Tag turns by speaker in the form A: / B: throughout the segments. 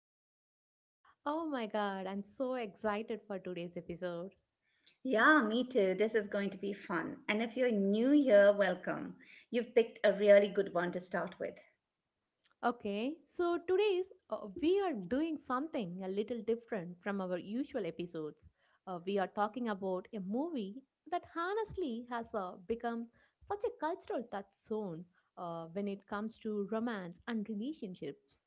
A: back. Oh my god, I'm so excited for today's episode.
B: Yeah, me too. This is going to be fun. And if you're new here, welcome. You've picked a really good one to start with.
A: Okay, so today's we are doing something a little different from our usual episodes. We are talking about a movie that honestly has become such a cultural touchstone when it comes to romance and relationships.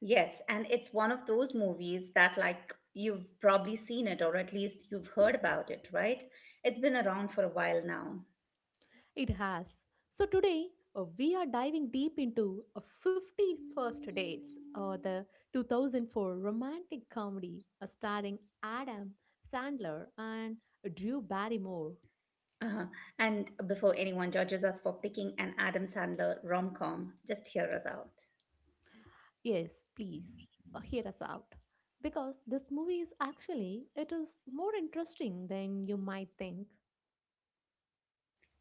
B: Yes, and it's one of those movies that, you've probably seen it or at least you've heard about it, right? It's been around for a while now.
A: It has. So today we are diving deep into 50 first dates, the 2004 romantic comedy starring Adam Sandler and Drew Barrymore.
B: Uh-huh. And before anyone judges us for picking an Adam Sandler rom com, just hear us out.
A: Yes, please hear us out because this movie is actually it is more interesting than you might think.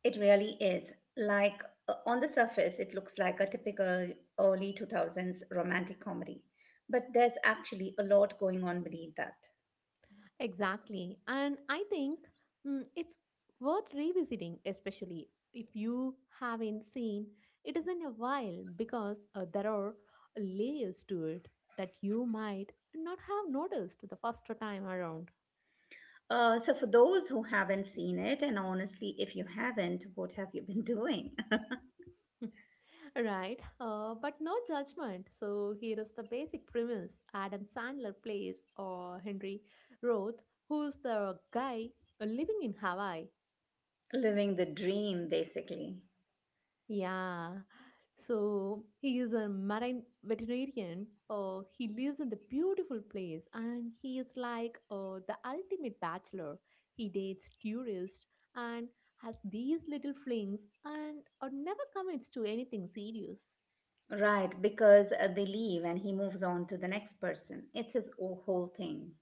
B: It really is. On the surface, it looks like a typical early 2000s romantic comedy, but there's actually a lot going on beneath that.
A: Exactly. And I think it's worth revisiting, especially if you haven't seen it is in a while, because there are layers to it that you might not have noticed the first time around.
B: So, for those who haven't seen it, and honestly, if you haven't, what have you been doing?
A: Right? But no judgment. So here is the basic premise Adam Sandler plays or Henry Roth, who's the guy living in Hawaii.
B: Living the dream, basically.
A: Yeah. So he is a marine veterinarian. He lives in the beautiful place and he is like the ultimate bachelor. He dates tourists and has these little flings and never commits to anything serious.
B: Right, because they leave and he moves on to the next person. It's his whole thing.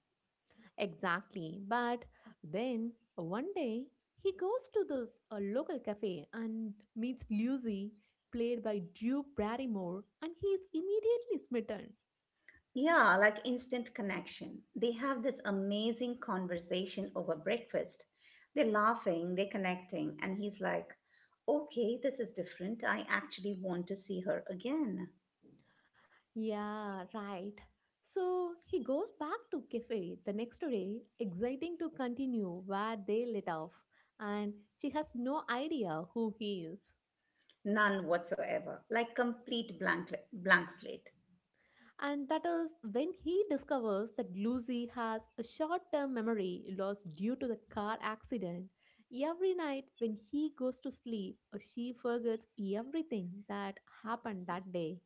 A: Exactly. But then one day he goes to this local cafe and meets Lucy, played by Drew Barrymore, and he is immediately smitten.
B: Yeah, like instant connection. They have this amazing conversation over breakfast. They're laughing, they're connecting, and he's like, okay, this is different. I actually want to see her again.
A: Yeah, right. So he goes back to cafe the next day, exciting to continue where they let off, and she has no idea who he is.
B: None whatsoever, like complete blank slate.
A: And that is when he discovers that Lucy has a short term memory loss due to the car accident. Every night when he goes to sleep, she forgets everything that happened that day.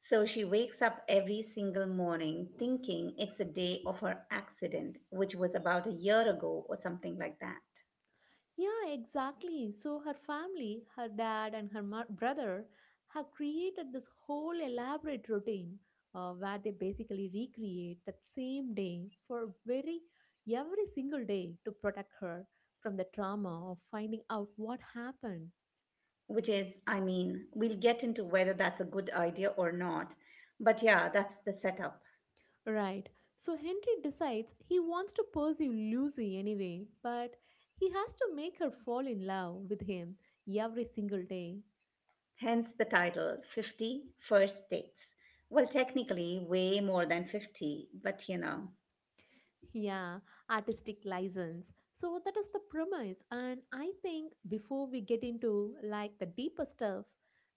B: So she wakes up every single morning thinking it's the day of her accident, which was about a year ago or something like that.
A: Yeah, exactly. So her family, her dad, and her brother have created this whole elaborate routine where they basically recreate that same day for very every single day to protect her from the trauma of finding out what happened.
B: Which is, I mean, we'll get into whether that's a good idea or not. But yeah, that's the setup.
A: Right. So Henry decides he wants to pursue Lucy anyway, but he has to make her fall in love with him every single day.
B: Hence the title Fifty First Dates. Well, technically, way more than 50, but you know.
A: Yeah, artistic license. So that is the premise. And I think before we get into like the deeper stuff,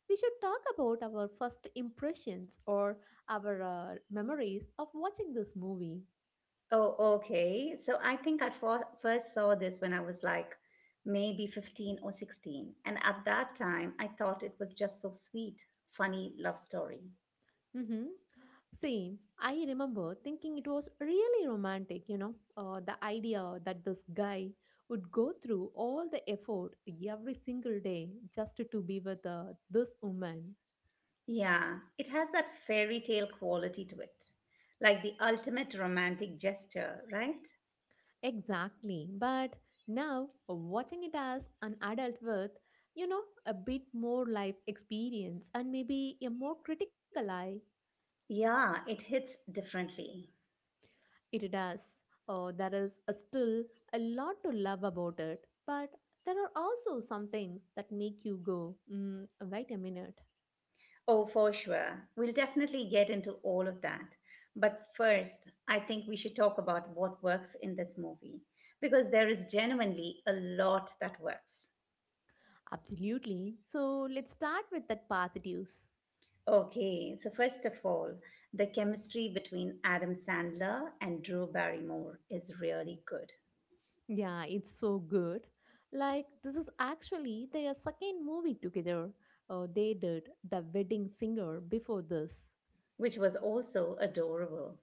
A: we should talk about our first impressions or our memories of watching this movie.
B: Oh, okay. So I think I first saw this when I was like maybe 15 or 16. And at that time, I thought it was just so sweet, funny love story.
A: Mm-hmm. Same. I remember thinking it was really romantic, you know, the idea that this guy would go through all the effort every single day just to be with this woman.
B: Yeah, it has that fairy tale quality to it, like the ultimate romantic gesture, right?
A: Exactly. But now, watching it as an adult with, you know, a bit more life experience and maybe a more critical eye,
B: Yeah, it hits differently.
A: it does. Oh, there is a still a lot to love about it. But there are also some things that make you go, mm, wait a minute.
B: Oh, for sure. We'll definitely get into all of that. But first, I think we should talk about what works in this movie because there is genuinely a lot that works.
A: Absolutely. So let's start with that positives.
B: Okay, so first of all, the chemistry between Adam Sandler and Drew Barrymore is really good,
A: Yeah, it's so good. Like, this is actually their second movie together. They did The Wedding Singer before this.
B: which was also adorable.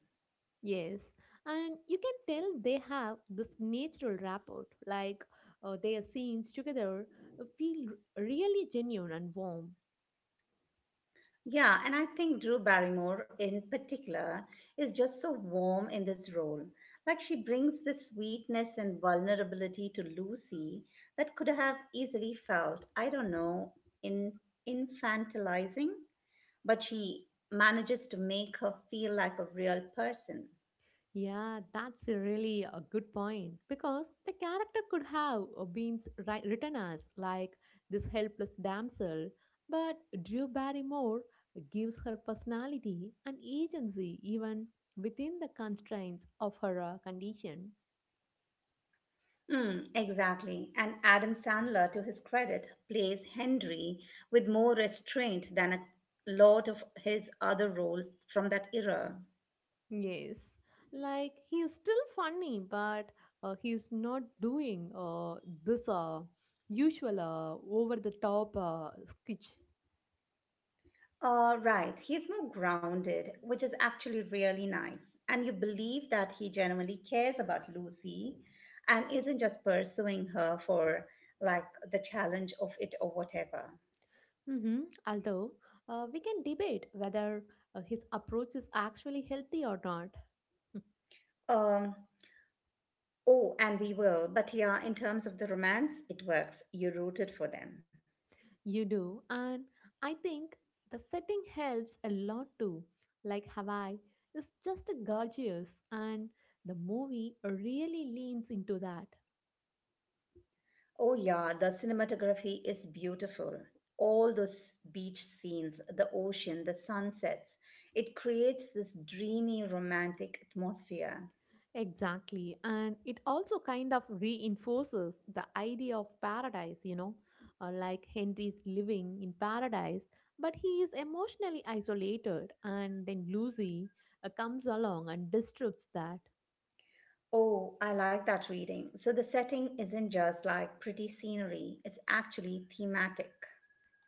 A: Yes, and you can tell they have this natural rapport. Like, their scenes together feel really genuine and warm.
B: Yeah, and I think Drew Barrymore in particular is just so warm in this role. Like she brings the sweetness and vulnerability to Lucy that could have easily felt, I don't know, in infantilizing, but she manages to make her feel like a real person.
A: Yeah, that's a really a good point because the character could have been written as like this helpless damsel, but Drew Barrymore gives her personality and agency even within the constraints of her condition.
B: Mm, exactly. And Adam Sandler, to his credit, plays Henry with more restraint than a lot of his other roles from that era.
A: Yes, like he is still funny, but he is not doing this usual over the top sketch.
B: Right. He's more grounded, which is actually really nice. And you believe that he genuinely cares about Lucy and isn't just pursuing her for like the challenge of it or whatever.
A: Hmm. Although we can debate whether his approach is actually healthy or not.
B: Um, oh, and we will. But yeah, in terms of the romance, it works. You rooted for them.
A: You do, and I think the setting helps a lot too. Like Hawaii is just gorgeous, and the movie really leans into that.
B: Oh, yeah, the cinematography is beautiful. All those beach scenes, the ocean, the sunsets, it creates this dreamy, romantic atmosphere.
A: Exactly. And it also kind of reinforces the idea of paradise, you know, like Henry's living in paradise, but he is emotionally isolated. And then Lucy comes along and disrupts that.
B: Oh, I like that reading. So the setting isn't just like pretty scenery, it's actually thematic.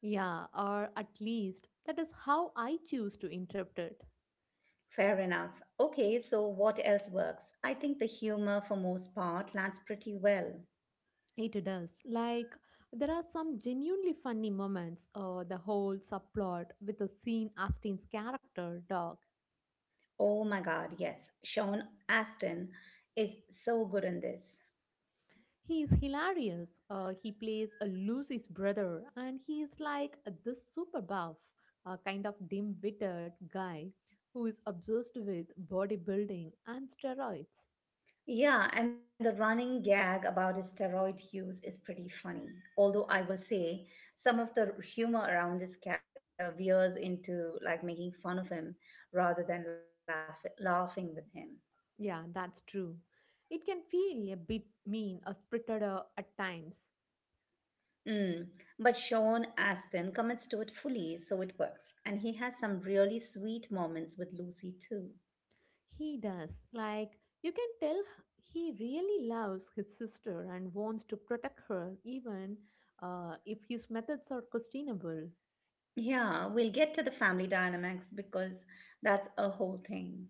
A: Yeah, or at least that is how I choose to interpret it.
B: Fair enough. Okay, so what else works? I think the humor, for most part, lands pretty well.
A: It does. Like, there are some genuinely funny moments, or the whole subplot with the scene Austin's character, Dog.
B: Oh my god, yes. Sean Astin is so good in this.
A: He is hilarious. He plays a Lucy's brother, and he is like this super buff, kind of dim-witted guy who is obsessed with bodybuilding and steroids.
B: Yeah, and the running gag about steroid use is pretty funny. Although I will say some of the humor around this character veers into like making fun of him rather than laughing with him.
A: Yeah, that's true. It can feel a bit mean or spirited at times.
B: Mm. But Sean Astin commits to it fully, so it works. And he has some really sweet moments with Lucy too.
A: He does. Like you can tell, he really loves his sister and wants to protect her, even if his methods are questionable.
B: Yeah, we'll get to the family dynamics because that's a whole thing.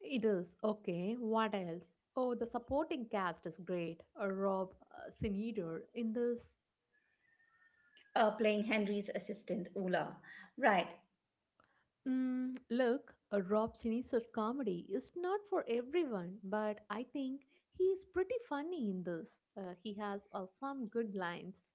A: It is. Okay, what else? Oh, the supporting cast is great. Rob Sinider in this.
B: Playing Henry's assistant, Ula. Right.
A: Mm, look, Rob Schneider's comedy is not for everyone, but I think he is pretty funny in this. He has some good lines.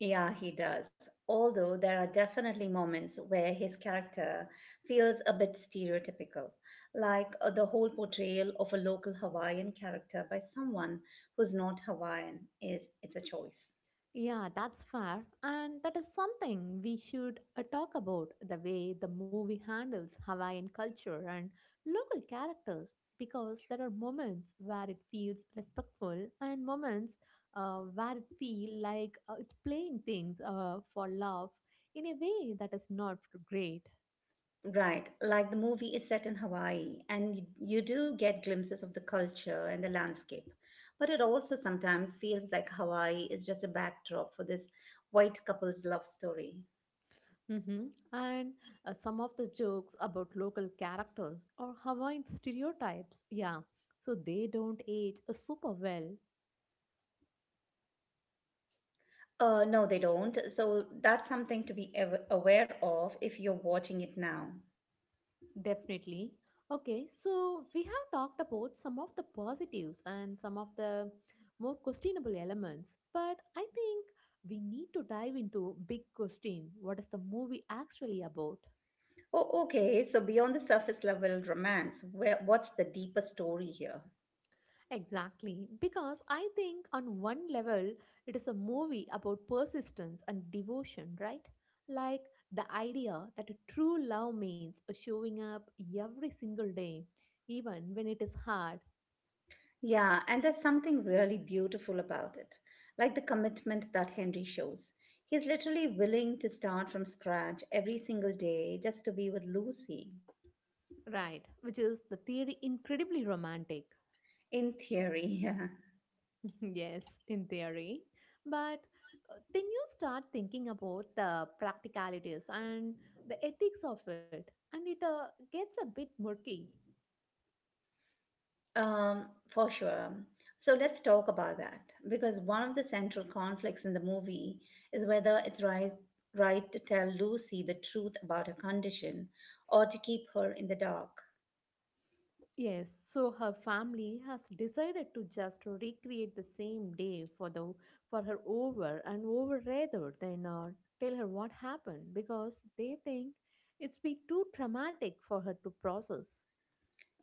B: Yeah, he does. Although there are definitely moments where his character feels a bit stereotypical, like the whole portrayal of a local Hawaiian character by someone who's not Hawaiian is it's a choice.
A: Yeah, that's fair. And that is something we should talk about the way the movie handles Hawaiian culture and local characters because there are moments where it feels respectful and moments where it feels like it's playing things for love in a way that is not great.
B: Right, like the movie is set in Hawaii and you do get glimpses of the culture and the landscape, but it also sometimes feels like Hawaii is just a backdrop for this white couple's love story.
A: Hmm. And some of the jokes about local characters or Hawaiian stereotypes, yeah, so they don't age super well.
B: No, they don't. So that's something to be aware of if you're watching it now.
A: Definitely. Okay, so we have talked about some of the positives and some of the more questionable elements, but I think we need to dive into big question. What is the movie actually about?
B: Oh, okay. So beyond the surface level romance, where what's the deeper story here?
A: Exactly, because I think on one level it is a movie about persistence and devotion, right? Like the idea that a true love means showing up every single day, even when it is hard.
B: Yeah, and there's something really beautiful about it, like the commitment that Henry shows. He's literally willing to start from scratch every single day just to be with Lucy.
A: Right, which is the theory incredibly romantic.
B: In theory,
A: Yes, in theory. But then you start thinking about the practicalities and the ethics of it, and it gets a bit murky.
B: For sure. So let's talk about that because one of the central conflicts in the movie is whether right to tell Lucy the truth about her condition or to keep her in the dark.
A: Yes, so her family has decided to just recreate the same day for the for her over and over rather than tell her what happened because they think it's be too traumatic for her to process.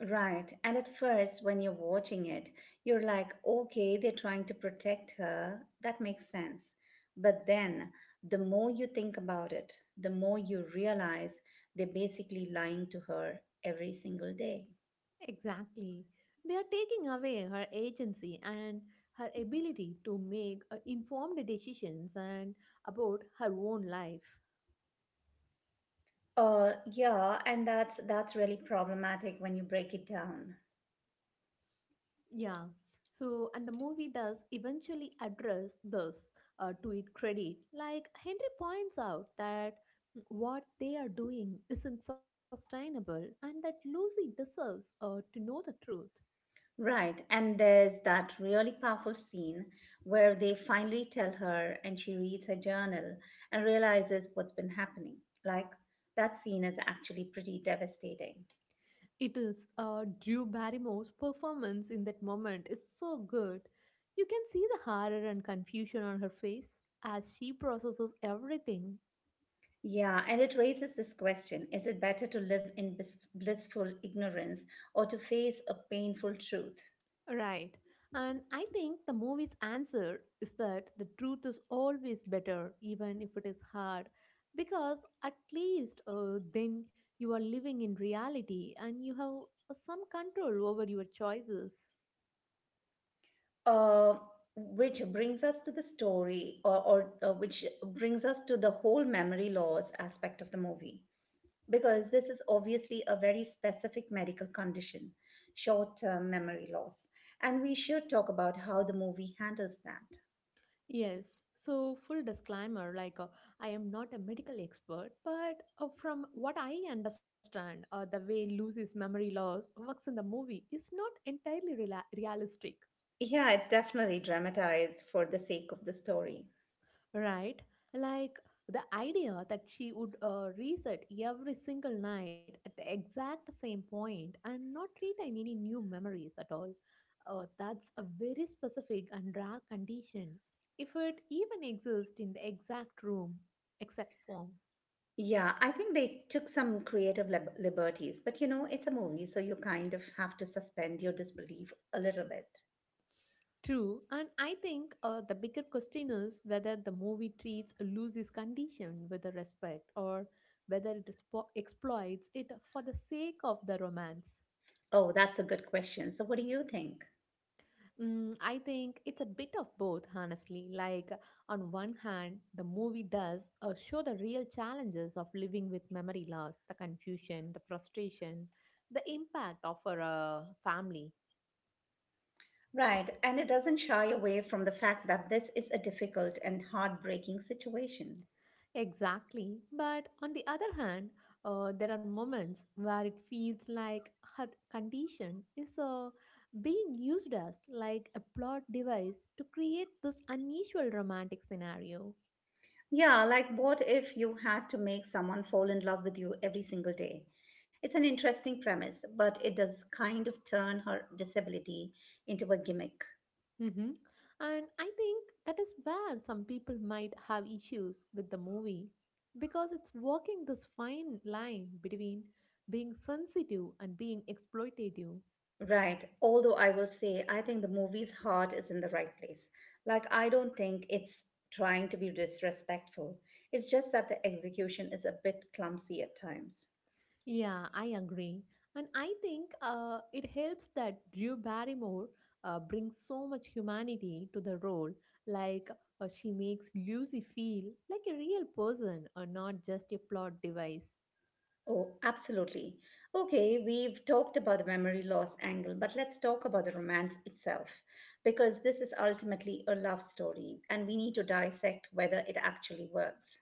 B: Right. And at first, when you're watching it, you're like, okay, they're trying to protect her. That makes sense. But then, the more you think about it, the more you realize they're basically lying to her every single day.
A: Exactly. They are taking away her agency and her ability to make informed decisions and about her own life.
B: Yeah, and that's really problematic when you break it down.
A: Yeah. So, and the movie does eventually address this to its credit. Like Henry points out that what they are doing isn't sustainable and that Lucy deserves to know the truth.
B: Right, and there's that really powerful scene where they finally tell her and she reads her journal and realizes what's been happening. Like, that scene is actually pretty devastating.
A: It is. Drew Barrymore's performance in that moment is so good. You can see the horror and confusion on her face as she processes everything.
B: Yeah, and it raises this question, is it better to live in blissful ignorance or to face a painful truth?
A: Right. And I think the movie's answer is that the truth is always better, even if it is hard, because at least then you are living in reality and you have some control over your choices.
B: uh, which brings us to the story or which brings us to the whole memory loss aspect of the movie, because this is obviously a very specific medical condition, short-term memory loss, and we should talk about how the movie handles that.
A: Yes. So, full disclaimer like, I am not a medical expert, but from what I understand, the way Lucy's memory loss works in the movie is not entirely realistic,
B: Yeah, it's definitely dramatized for the sake of the story.
A: right? Like, the idea that she would reset every single night at the exact same point and not retain any new memories at all. That's a very specific and rare condition, if it even exists in the exact room, exact form.
B: Yeah, I think they took some creative liberties, but you know, it's a movie, so you kind of have to suspend your disbelief a little bit.
A: True, and I think the bigger question is whether the movie treats Lucy's condition with the respect or whether it exploits it for the sake of the romance.
B: Oh, that's a good question. So, what do you think?
A: Mm, I think it's a bit of both, honestly. Like, on one hand, the movie does show the real challenges of living with memory loss, the confusion, the frustration, the impact of a family.
B: Right, and it doesn't shy away from the fact that this is a difficult and heartbreaking situation.
A: Exactly. But on the other hand, there are moments where it feels like her condition is being used as like a plot device to create this unusual romantic scenario.
B: Yeah, like what if you had to make someone fall in love with you every single day? It's an interesting premise, but it does kind of turn her disability into a gimmick.
A: Hmm. And I think that is where some people might have issues with the movie because it's walking this fine line between being sensitive and being exploitative.
B: Right, although I will say, I think the movie's heart is in the right place. Like, I don't think it's trying to be disrespectful, it's just that the execution is a bit clumsy at times.
A: Yeah, I agree. And I think it helps that Drew Barrymore brings so much humanity to the role. Like, she makes Lucy feel like a real person or not just a plot device.
B: Oh, absolutely. Okay, we've talked about the memory loss angle, but let's talk about the romance itself, because this is ultimately a love story, and we need to dissect whether it actually works.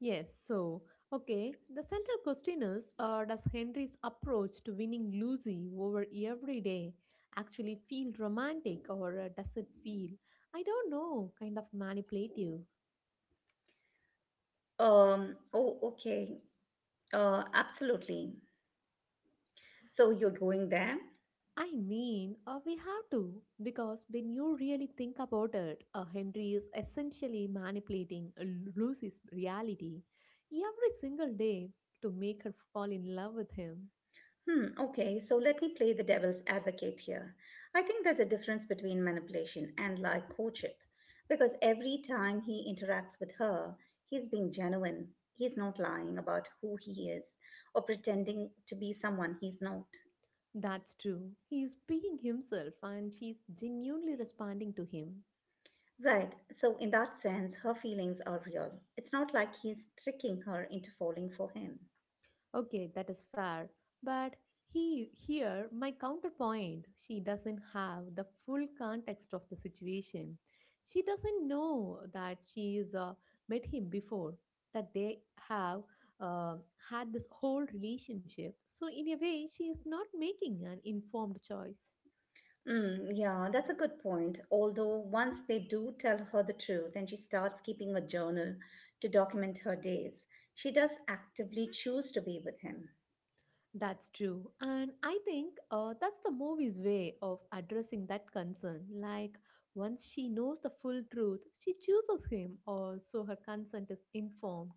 A: Yes, so, okay, the central question is does Henry's approach to winning Lucy over every day actually feel romantic or does it feel, I don't know, kind of manipulative?
B: Oh, okay. Absolutely. So you're going there?
A: I mean, we have to, because when you really think about it, Henry is essentially manipulating Lucy's reality every single day to make her fall in love with him.
B: Hmm, okay, so let me play the devil's advocate here. I think there's a difference between manipulation and like courtship, because every time he interacts with her, he's being genuine. He's not lying about who he is or pretending to be someone he's not.
A: That's true. He is being himself and she is genuinely responding to him.
B: Right, so in that sense, her feelings are real. It's not like he's tricking her into falling for him.
A: Okay, that is fair. But he here my counterpoint, she doesn't have the full context of the situation. She doesn't know that she is met him before, that they have uh, had this whole relationship. So in a way, she is not making an informed choice.
B: Mm, yeah, that's a good point. Although once they do tell her the truth and she starts keeping a journal to document her days, she does actively choose to be with him.
A: That's true. And I think that's the movie's way of addressing that concern. Like, once she knows the full truth, she chooses him, or so her consent is informed.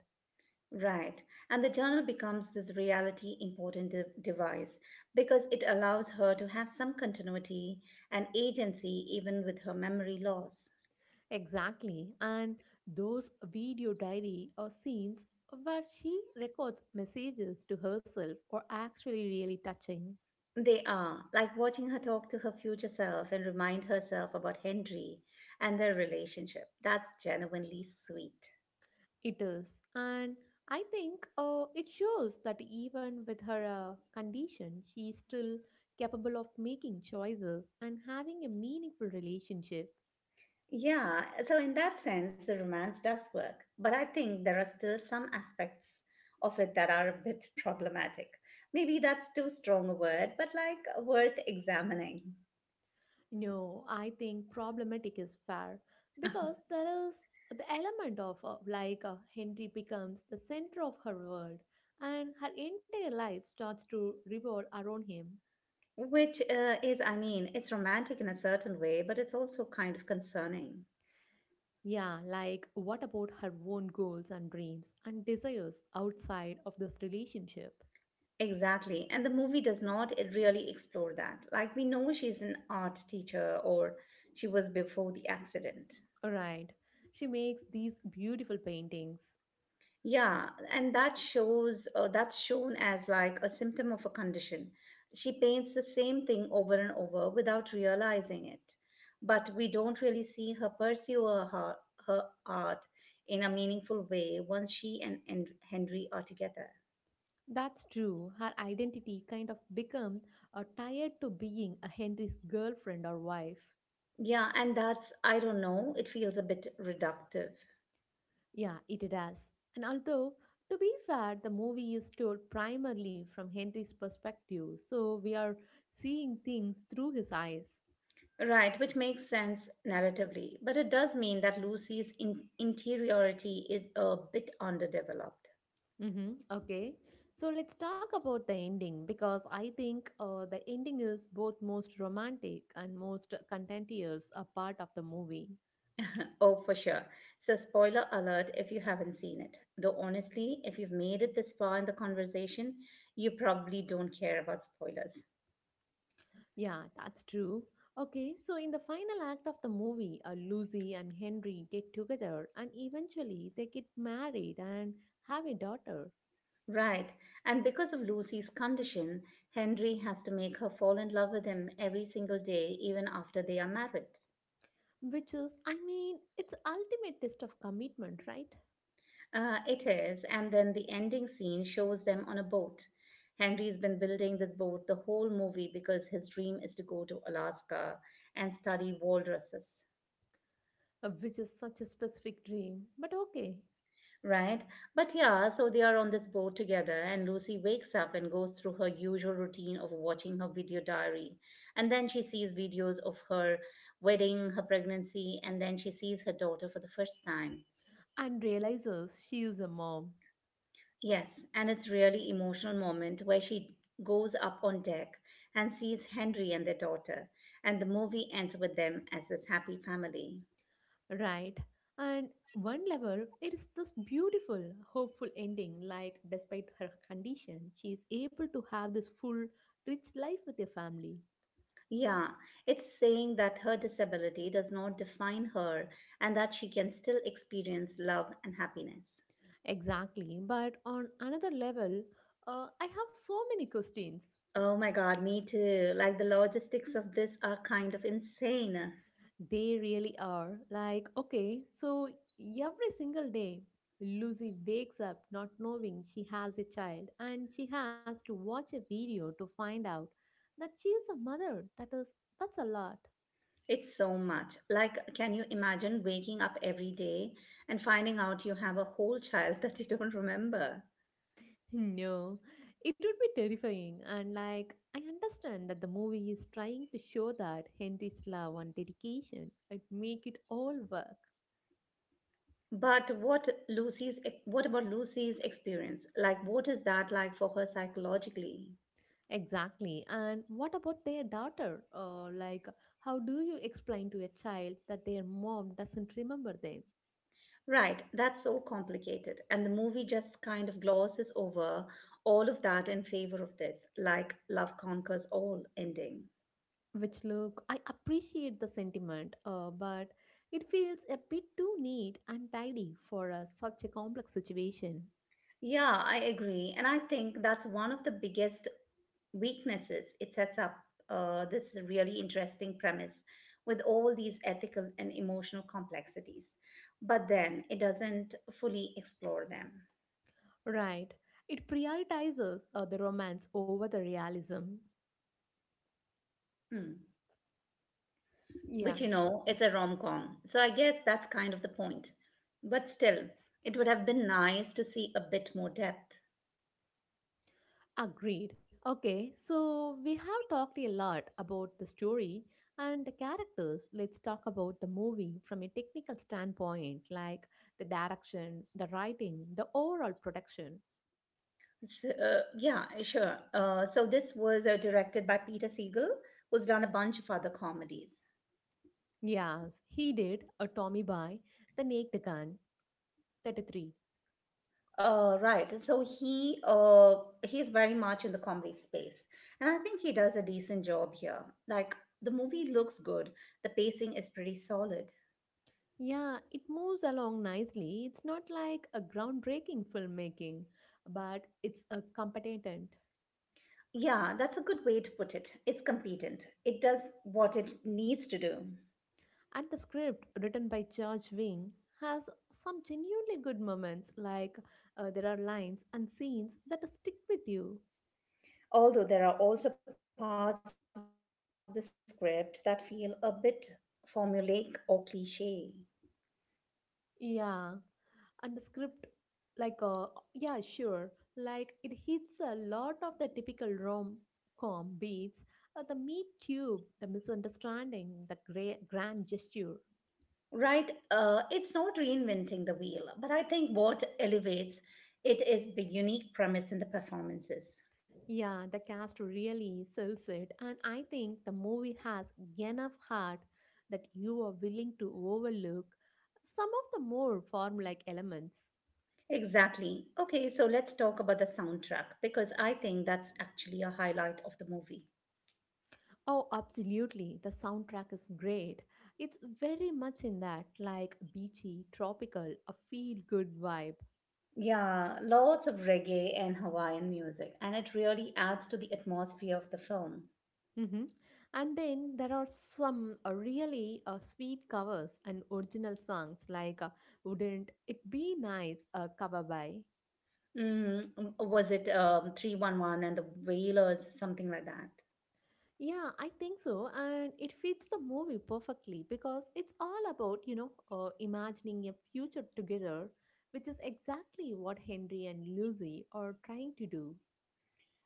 B: Right. And the journal becomes this reality important device because it allows her to have some continuity and agency even with her memory loss.
A: Exactly. And those video diary or scenes where she records messages to herself are actually really touching.
B: They are like watching her talk to her future self and remind herself about Henry and their relationship. That's genuinely sweet.
A: It is. And I think it shows that even with her condition, she is still capable of making choices and having a meaningful relationship.
B: Yeah, so in that sense, the romance does work. But I think there are still some aspects of it that are a bit problematic. Maybe that's too strong a word, but like worth examining.
A: No, I think problematic is fair because there is the element of Henry becomes the center of her world and her entire life starts to revolve around him.
B: Which is, I mean, it's romantic in a certain way, but it's also kind of concerning.
A: Yeah, like what about her own goals and dreams and desires outside of this relationship?
B: Exactly. And the movie does not really explore that. Like, we know she's an art teacher, or she was before the accident.
A: Right. She makes these beautiful paintings.
B: Yeah, and that shows that's shown as like a symptom of a condition. She paints the same thing over and over without realizing it. But we don't really see her pursue her art in a meaningful way once she and Henry are together.
A: That's true. Her identity kind of become tied to being a Henry's girlfriend or wife.
B: Yeah, and that's, I don't know, it feels a bit reductive.
A: Yeah, it does. And although, to be fair, the movie is told primarily from Henry's perspective, so we are seeing things through his eyes.
B: Right, which makes sense narratively, but it does mean that Lucy's interiority is a bit underdeveloped.
A: Mm-hmm. Okay, so let's talk about the ending because I think the ending is both most romantic and most contentious a part of the movie.
B: Oh, for sure. So, spoiler alert if you haven't seen it. Though, honestly, if you've made it this far in the conversation, you probably don't care about spoilers.
A: Yeah, that's true. Okay, so in the final act of the movie, Lucy and Henry get together and eventually they get married and have a daughter,
B: Right. And because of Lucy's condition, Henry has to make her fall in love with him every single day, even after they are married.
A: which is, I mean, it's ultimate test of commitment, right?
B: It is. And then the ending scene shows them on a boat. Henry's been building this boat the whole movie because his dream is to go to Alaska and study walruses.
A: Which is such a specific dream, but okay.
B: Right. But yeah, so they are on this boat together, and Lucy wakes up and goes through her usual routine of watching her video diary. And then she sees videos of her wedding, her pregnancy, and then she sees her daughter for the first time.
A: And realizes she is a mom,
B: Yes, and it's really emotional moment where she goes up on deck and sees Henry and their daughter, and the movie ends with them as this happy family.
A: right? And one level, it is this beautiful, hopeful ending. Like, despite her condition, she is able to have this full, rich life with a family.
B: Yeah, it's saying that her disability does not define her and that she can still experience love and happiness.
A: Exactly. But on another level, I have so many questions.
B: Oh my god, me too. Like the logistics of this are kind of insane.
A: They really are. Like, okay, so every single day, Lucy wakes up not knowing she has a child and she has to watch a video to find out that she is a mother. That is, that's a lot.
B: It's so much. Like, can you imagine waking up every day and finding out you have a whole child that you don't remember?
A: No, it would be terrifying. And like, I understand that the movie is trying to show that Henry's love and dedication would make it all work.
B: But what about Lucy's experience? Like, what is that like for her psychologically?
A: Exactly. And what about their daughter? How do you explain to a child that their mom doesn't remember them?
B: Right, that's so complicated. And the movie just kind of glosses over all of that in favor of this, like love conquers all ending.
A: Which look, I appreciate the sentiment, but it feels a bit too neat and tidy for such a complex situation.
B: Yeah, I agree. And I think that's one of the biggest weaknesses. It sets up this really interesting premise with all these ethical and emotional complexities, but then it doesn't fully explore them.
A: Right. It prioritizes the romance over the realism.
B: Hmm. Which
A: Yeah.
B: you know it's a rom-com, so I guess that's kind of the point, but still it would have been nice to see a bit more depth.
A: Agreed. Okay, so we have talked a lot about the story and the characters. Let's talk about the movie from a technical standpoint, like the direction, the writing, the overall production.
B: So, yeah, sure, so this was directed by Peter Siegel, who's done a bunch of other comedies.
A: Yes, he did a Tommy by the Naked Gun 33.
B: Right, so he's very much in the comedy space, and I think he does a decent job here. Like the movie looks good, the pacing is pretty solid.
A: Yeah, it moves along nicely. It's not like a groundbreaking filmmaking, but it's a competent.
B: Yeah, that's a good way to put it. It's competent. It does what it needs to do.
A: And the script, written by George Wing, has some genuinely good moments, like there are lines and scenes that stick with you.
B: Although there are also parts of the script that feel a bit formulaic or cliche.
A: Yeah, and the script, like, uh, yeah, sure, like it hits a lot of the typical rom com beats, the meat cube, the misunderstanding, the grand gesture.
B: Right? It's not reinventing the wheel, but I think what elevates it is the unique premise in the performances.
A: Yeah, the cast really sells it, and I think the movie has enough heart that you are willing to overlook some of the more form-like elements.
B: Exactly. Okay, so let's talk about the soundtrack because I think that's actually a highlight of the movie.
A: Oh, absolutely. The soundtrack is great. It's very much in that like beachy, tropical, a feel-good vibe.
B: Yeah, lots of reggae and Hawaiian music, and it really adds to the atmosphere of the film.
A: hmm And then there are some really sweet covers and original songs like Wouldn't It Be Nice, cover by.
B: Mm, was it 311 and the Wailers, something like that?
A: Yeah, I think so. And it fits the movie perfectly because it's all about, you know, imagining a future together, which is exactly what Henry and Lucy are trying to do.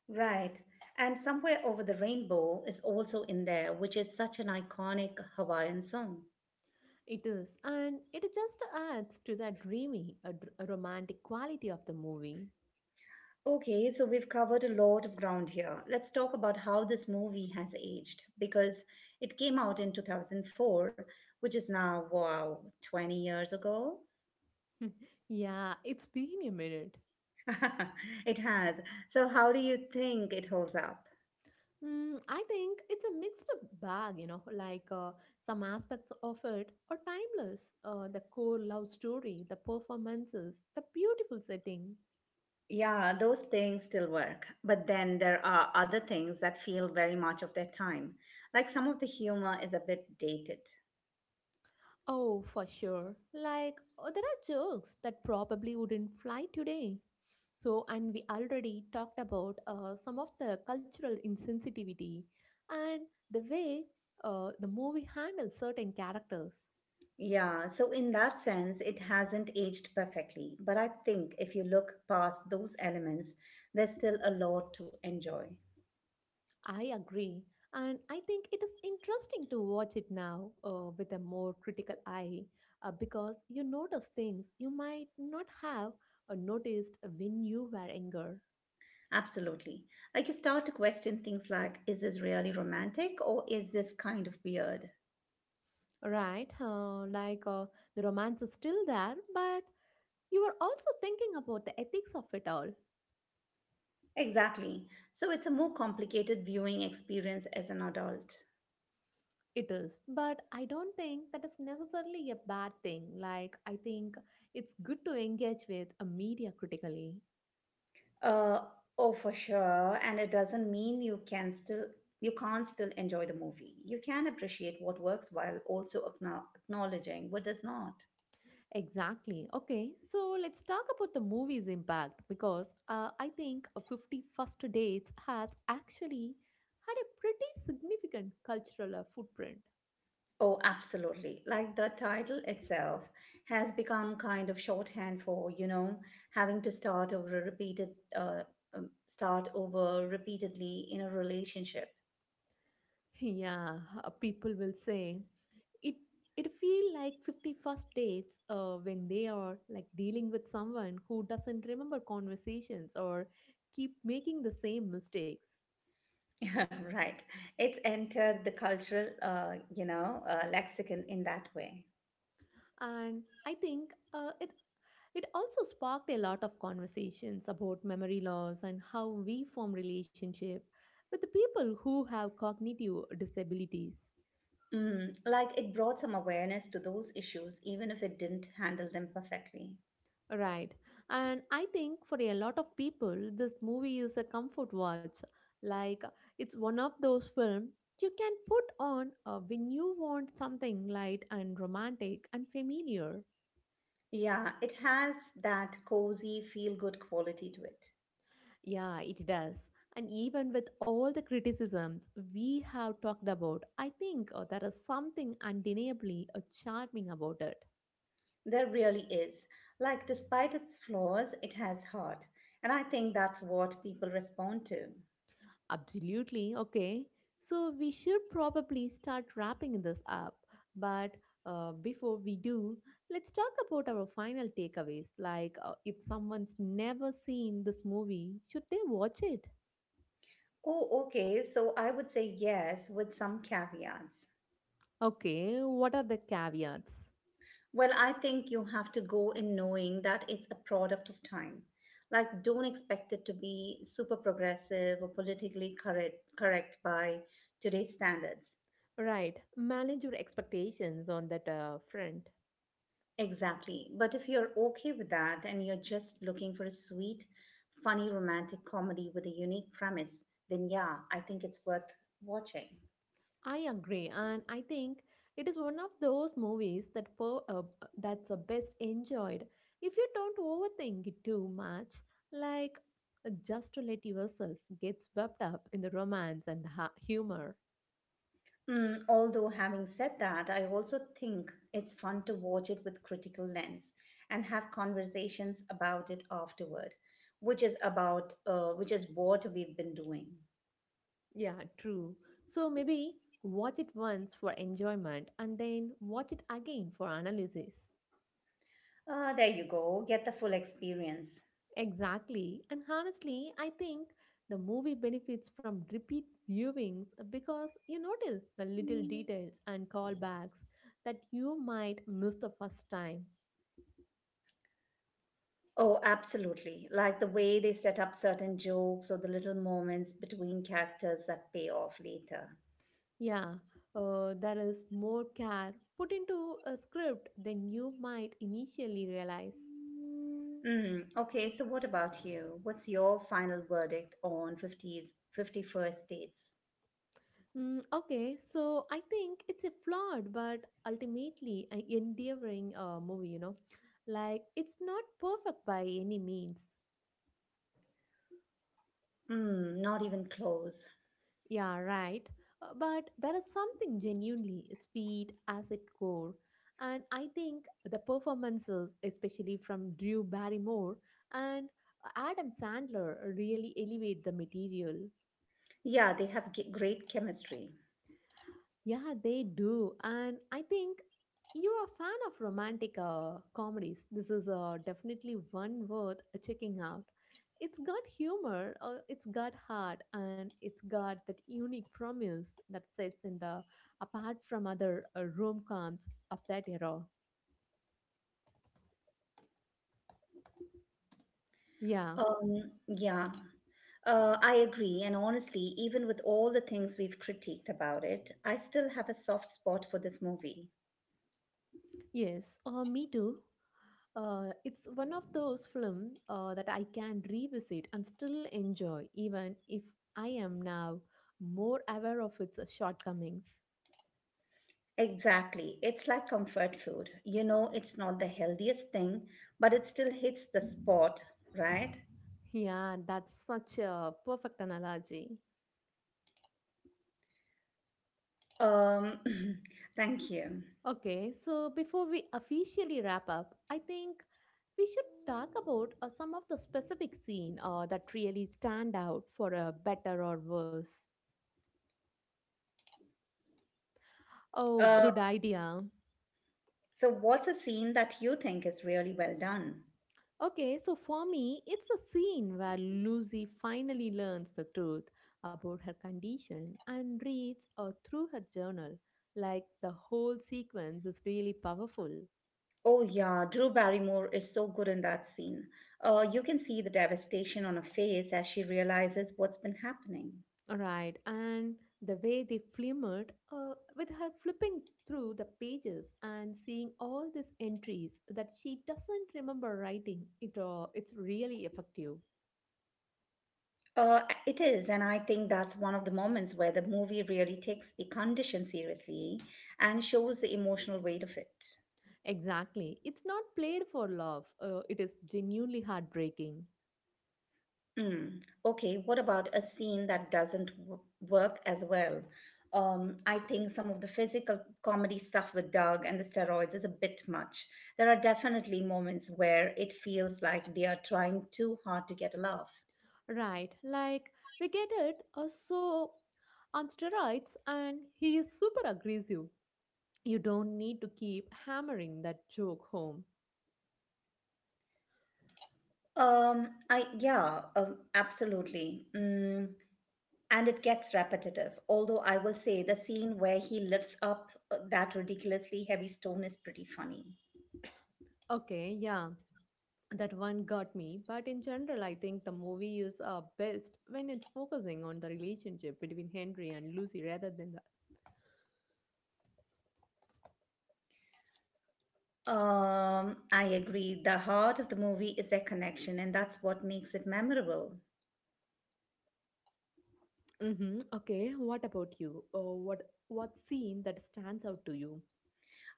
B: Right. And Somewhere Over the Rainbow is also in there, which is such an iconic Hawaiian song.
A: It is. And it just adds to that dreamy, romantic quality of the movie.
B: Okay, so we've covered a lot of ground here. Let's talk about how this movie has aged because it came out in 2004, which is now, wow, 20 years ago.
A: Yeah, it's been a minute.
B: It has. So, how do you think it holds up?
A: Mm, I think it's a mixed bag, you know, some aspects of it are timeless. The core love story, the performances, the beautiful setting.
B: Yeah, those things still work. But then there are other things that feel very much of their time. Like some of the humor is a bit dated.
A: Oh, for sure. Like, oh, there are jokes that probably wouldn't fly today. So, and we already talked about some of the cultural insensitivity and the way the movie handles certain characters.
B: Yeah, so in that sense, it hasn't aged perfectly. But I think if you look past those elements, there's still a lot to enjoy.
A: I agree. And I think it is interesting to watch it now with a more critical eye because you notice things you might not have noticed when you were younger.
B: Absolutely. Like you start to question things like is this really romantic or is this kind of weird?
A: Right, the romance is still there, but you are also thinking about the ethics of it all.
B: Exactly. So it's a more complicated viewing experience as an adult.
A: It is, but I don't think that is necessarily a bad thing. Like, I think it's good to engage with a media critically.
B: Uh, oh, for sure. And it doesn't mean you can still you can't still enjoy the movie. You can appreciate what works while also acknowledging what does not.
A: Exactly. Okay, so let's talk about the movie's impact because I think 50 First Dates has actually had a pretty significant cultural footprint.
B: Oh, absolutely. Like the title itself has become kind of shorthand for, you know, having to uh, start over repeatedly in a relationship.
A: Yeah, people will say it. It feel like 50 first dates when they are like dealing with someone who doesn't remember conversations or keep making the same mistakes.
B: Right. It's entered the cultural, lexicon in that way.
A: And I think it it also sparked a lot of conversations about memory loss and how we form relationship with the people who have cognitive disabilities.
B: Mm, like it brought some awareness to those issues, even if it didn't handle them perfectly.
A: Right. And I think for a lot of people, this movie is a comfort watch. Like it's one of those films you can put on when you want something light and romantic and familiar.
B: Yeah, it has that cozy, feel good quality to it.
A: Yeah, it does. And even with all the criticisms we have talked about, I think there is something undeniably charming about it.
B: There really is. Like, despite its flaws, it has heart. And I think that's what people respond to.
A: Absolutely. Okay. So we should probably start wrapping this up. But before we do, let's talk about our final takeaways. Like, if someone's never seen this movie, should they watch it?
B: Oh, okay. So I would say yes with some caveats.
A: Okay. What are the caveats?
B: Well, I think you have to go in knowing that it's a product of time. Like, don't expect it to be super progressive or politically correct, correct by today's standards.
A: Right. Manage your expectations on that front.
B: Exactly. But if you're okay with that and you're just looking for a sweet, funny romantic comedy with a unique premise, then yeah, I think it's worth watching.
A: I agree, and I think it is one of those movies that's best enjoyed if you don't overthink it too much, like just to let yourself get swept up in the romance and the humor.
B: Mm, although having said that, I also think it's fun to watch it with critical lens and have conversations about it afterward, which is what we've been doing.
A: Yeah, true. So maybe watch it once for enjoyment and then watch it again for analysis.
B: Ah, there you go, get the full experience.
A: Exactly. And honestly, I think the movie benefits from repeat viewings because you notice the little details and callbacks that you might miss the first time.
B: Oh, absolutely. Like the way they set up certain jokes or the little moments between characters that pay off later.
A: Yeah, there is more care put into a script than you might initially realize.
B: Mm, okay, so what about you? What's your final verdict on 51st dates?
A: Mm, okay, so I think it's a flawed but ultimately an endearing movie, you know. Like, it's not perfect by any means.
B: Mm, not even close.
A: Yeah, right. But there is something genuinely sweet as its core. And I think the performances, especially from Drew Barrymore and Adam Sandler, really elevate the material.
B: Yeah, they have great chemistry.
A: Yeah, they do. And I think you're a fan of romantic comedies. This is definitely one worth checking out. It's got humor, it's got heart, and it's got that unique promise that sets in the apart from other rom-coms of that era. Yeah,
B: Yeah, I agree. And honestly, even with all the things we've critiqued about it, I still have a soft spot for this movie.
A: yes, me too. It's one of those films that I can revisit and still enjoy, even if I am now more aware of its shortcomings.
B: Exactly. It's like comfort food. You know, it's not the healthiest thing, but it still hits the spot, right?
A: Yeah, that's such a perfect analogy.
B: Um, thank you.
A: Okay, so before we officially wrap up, I think we should talk about some of the specific scene that really stand out for a better or worse. Oh,
B: Uh,
A: good idea.
B: so, what's a scene that you think is really well done?
A: Okay, so for me, it's a scene where Lucy finally learns the truth about her condition and reads through her journal. Like the whole sequence is really powerful.
B: Oh, yeah, Drew Barrymore is so good in that scene. You can see the devastation on her face as she realizes what's been happening.
A: Right, and the way they flimmered with her flipping through the pages and seeing all these entries that she doesn't remember writing, it's really effective.
B: Uh, it is, and I think that's one of the moments where the movie really takes the condition seriously and shows the emotional weight of it.
A: Exactly, it's not played for love. It is genuinely heartbreaking.
B: Mm. Okay, what about a scene that doesn't work as well? I think some of the physical comedy stuff with Doug and the steroids is a bit much. There are definitely moments where it feels like they are trying too hard to get a laugh.
A: Right, like we get it. So on steroids, and he is super aggressive. You don't need to keep hammering that joke home.
B: Absolutely. Mm. And it gets repetitive. Although I will say the scene where he lifts up that ridiculously heavy stone is pretty funny.
A: Okay, yeah, that one got me. But in general, I think the movie is best when it's focusing on the relationship between Henry and Lucy rather than the.
B: I agree. The heart of the movie is their connection, and that's what makes it memorable.
A: Mm-hmm. Okay, what about you? Oh, what scene that stands out to you?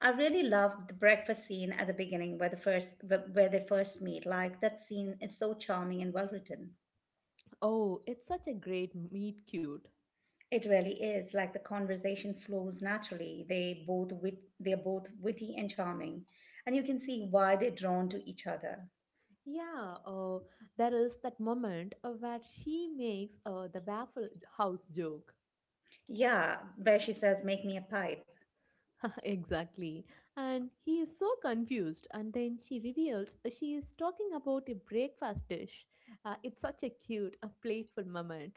B: I really loved the breakfast scene at the beginning, where they first meet. Like that scene is so charming and well written.
A: Oh, it's such a great meet cute.
B: It really is. Like the conversation flows naturally. They're both witty and charming, and you can see why they're drawn to each other.
A: Yeah, there is that moment where she makes the Waffle House joke.
B: Yeah, where she says, "Make me a pipe."
A: Exactly. And he is so confused. And then she reveals she is talking about a breakfast dish. It's such a cute, a playful moment.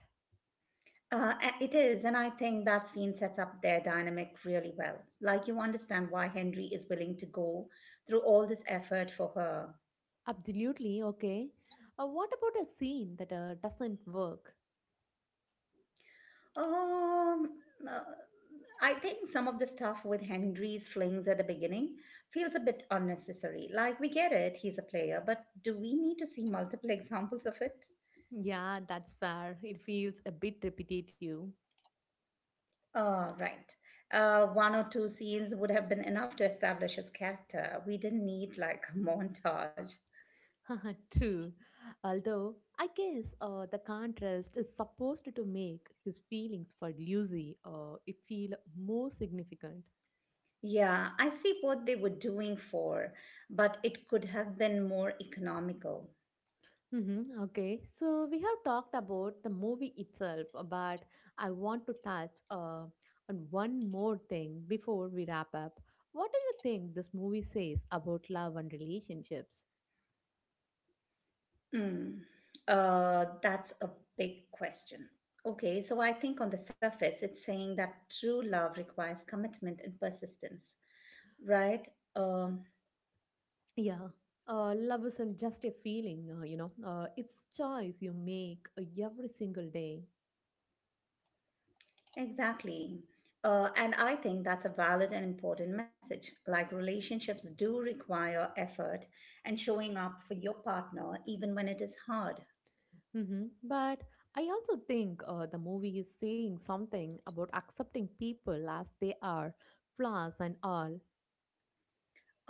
B: It is, and I think that scene sets up their dynamic really well. Like, you understand why Henry is willing to go through all this effort for her.
A: Absolutely, okay. What about a scene that doesn't work?
B: Um, uh, I think some of the stuff with Henry's flings at the beginning feels a bit unnecessary. Like, we get it, he's a player, but do we need to see multiple examples of it?
A: Yeah, that's fair. It feels a bit repetitive.
B: Right. One or two scenes would have been enough to establish his character. We didn't need like a montage.
A: True. Although, I guess the contrast is supposed to make his feelings for Lucy it feel more significant.
B: Yeah, I see what they were doing for, but it could have been more economical.
A: Mm-hmm. Okay, so we have talked about the movie itself, but I want to touch on one more thing before we wrap up. What do you think this movie says about love and relationships?
B: Mm. That's a big question. Okay, so I think on the surface, it's saying that true love requires commitment and persistence, right? Um,
A: Yeah, love isn't just a feeling, it's choice you make every single day.
B: exactly. And I think that's a valid and important message. Like relationships do require effort and showing up for your partner, even when it is hard.
A: But I also think the movie is saying something about accepting people as they are, flaws and all.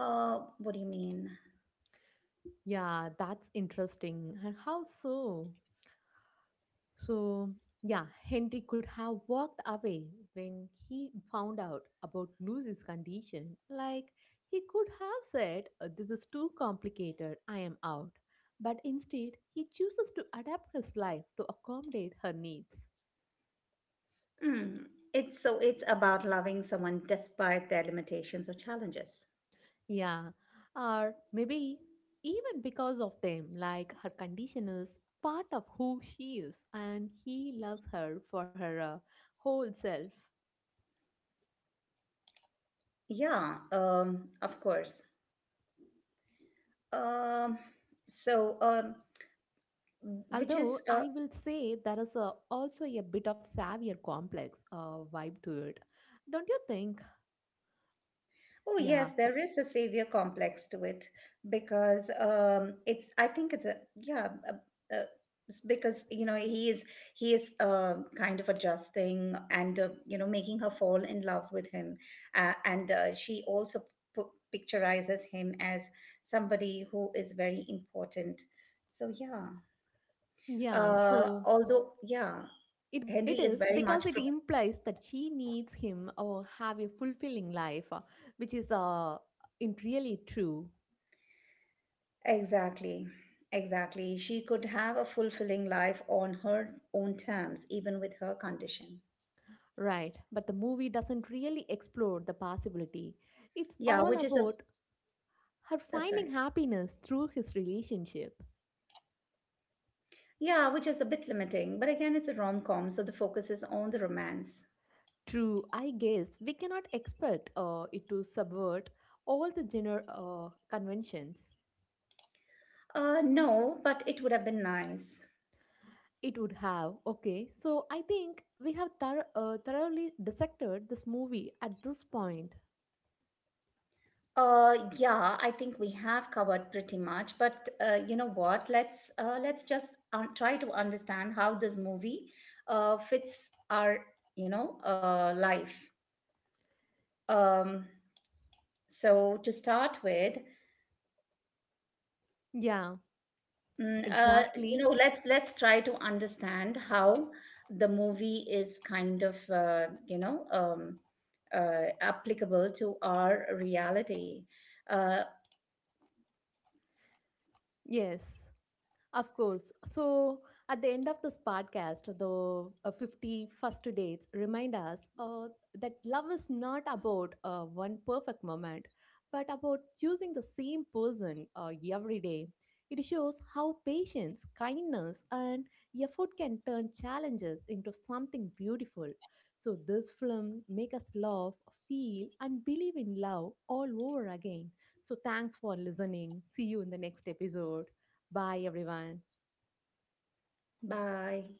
B: What do you mean?
A: Yeah, that's interesting. And how so? So, yeah, Henry could have walked away when he found out about Lucy's condition. Like, he could have said, "This is too complicated, I am out." But instead, he chooses to adapt his life to accommodate her needs.
B: Mm. It's about loving someone despite their limitations or challenges.
A: Yeah, or maybe even because of them, like her condition is part of who she is and he loves her for her whole self.
B: Yeah, of course. Um, so which
A: Although
B: is
A: I will say there is also a bit of savior complex vibe to it. Don't you think?
B: Oh
A: Yeah,
B: yes, there is a savior complex to it because it's. I think it's a yeah. A, it's because you know he is kind of adjusting and you know making her fall in love with him, and she also picturizes him as somebody who is very important. So yeah,
A: yeah.
B: uh,
A: So
B: although yeah,
A: it,
B: Henry
A: it
B: is
A: is
B: very
A: because
B: much
A: it implies that she needs him or have a fulfilling life, which is in really true.
B: Exactly. Exactly. She could have a fulfilling life on her own terms, even with her condition.
A: Right, but the movie doesn't really explore the possibility. It's
B: Yeah,
A: all
B: which is a,
A: about her
B: that's
A: finding
B: right.
A: happiness through his relationship.
B: Yeah, which is a bit limiting. But again, it's a rom-com, so the focus is on the romance.
A: True, I guess we cannot expect it to subvert all the gender conventions.
B: No, but it would have been nice.
A: It would have. Okay, so I think we have thoroughly dissected this movie at this point.
B: Yeah, I think we have covered pretty much, but you know what? Let's just try to understand how this movie fits our, you know, life. Um, So to start with,
A: Yeah,
B: mm, uh, you
A: exactly.
B: know, let's try to understand how the movie is kind of applicable to our reality. Uh,
A: Yes. Of course. So, at the end of this podcast, the 50 first dates remind us that love is not about one perfect moment, but about choosing the same person every day. It shows how patience, kindness, and effort can turn challenges into something beautiful. So, this film make us love, feel, and believe in love all over again. So, thanks for listening. See you in the next episode. Bye, everyone.
B: Bye.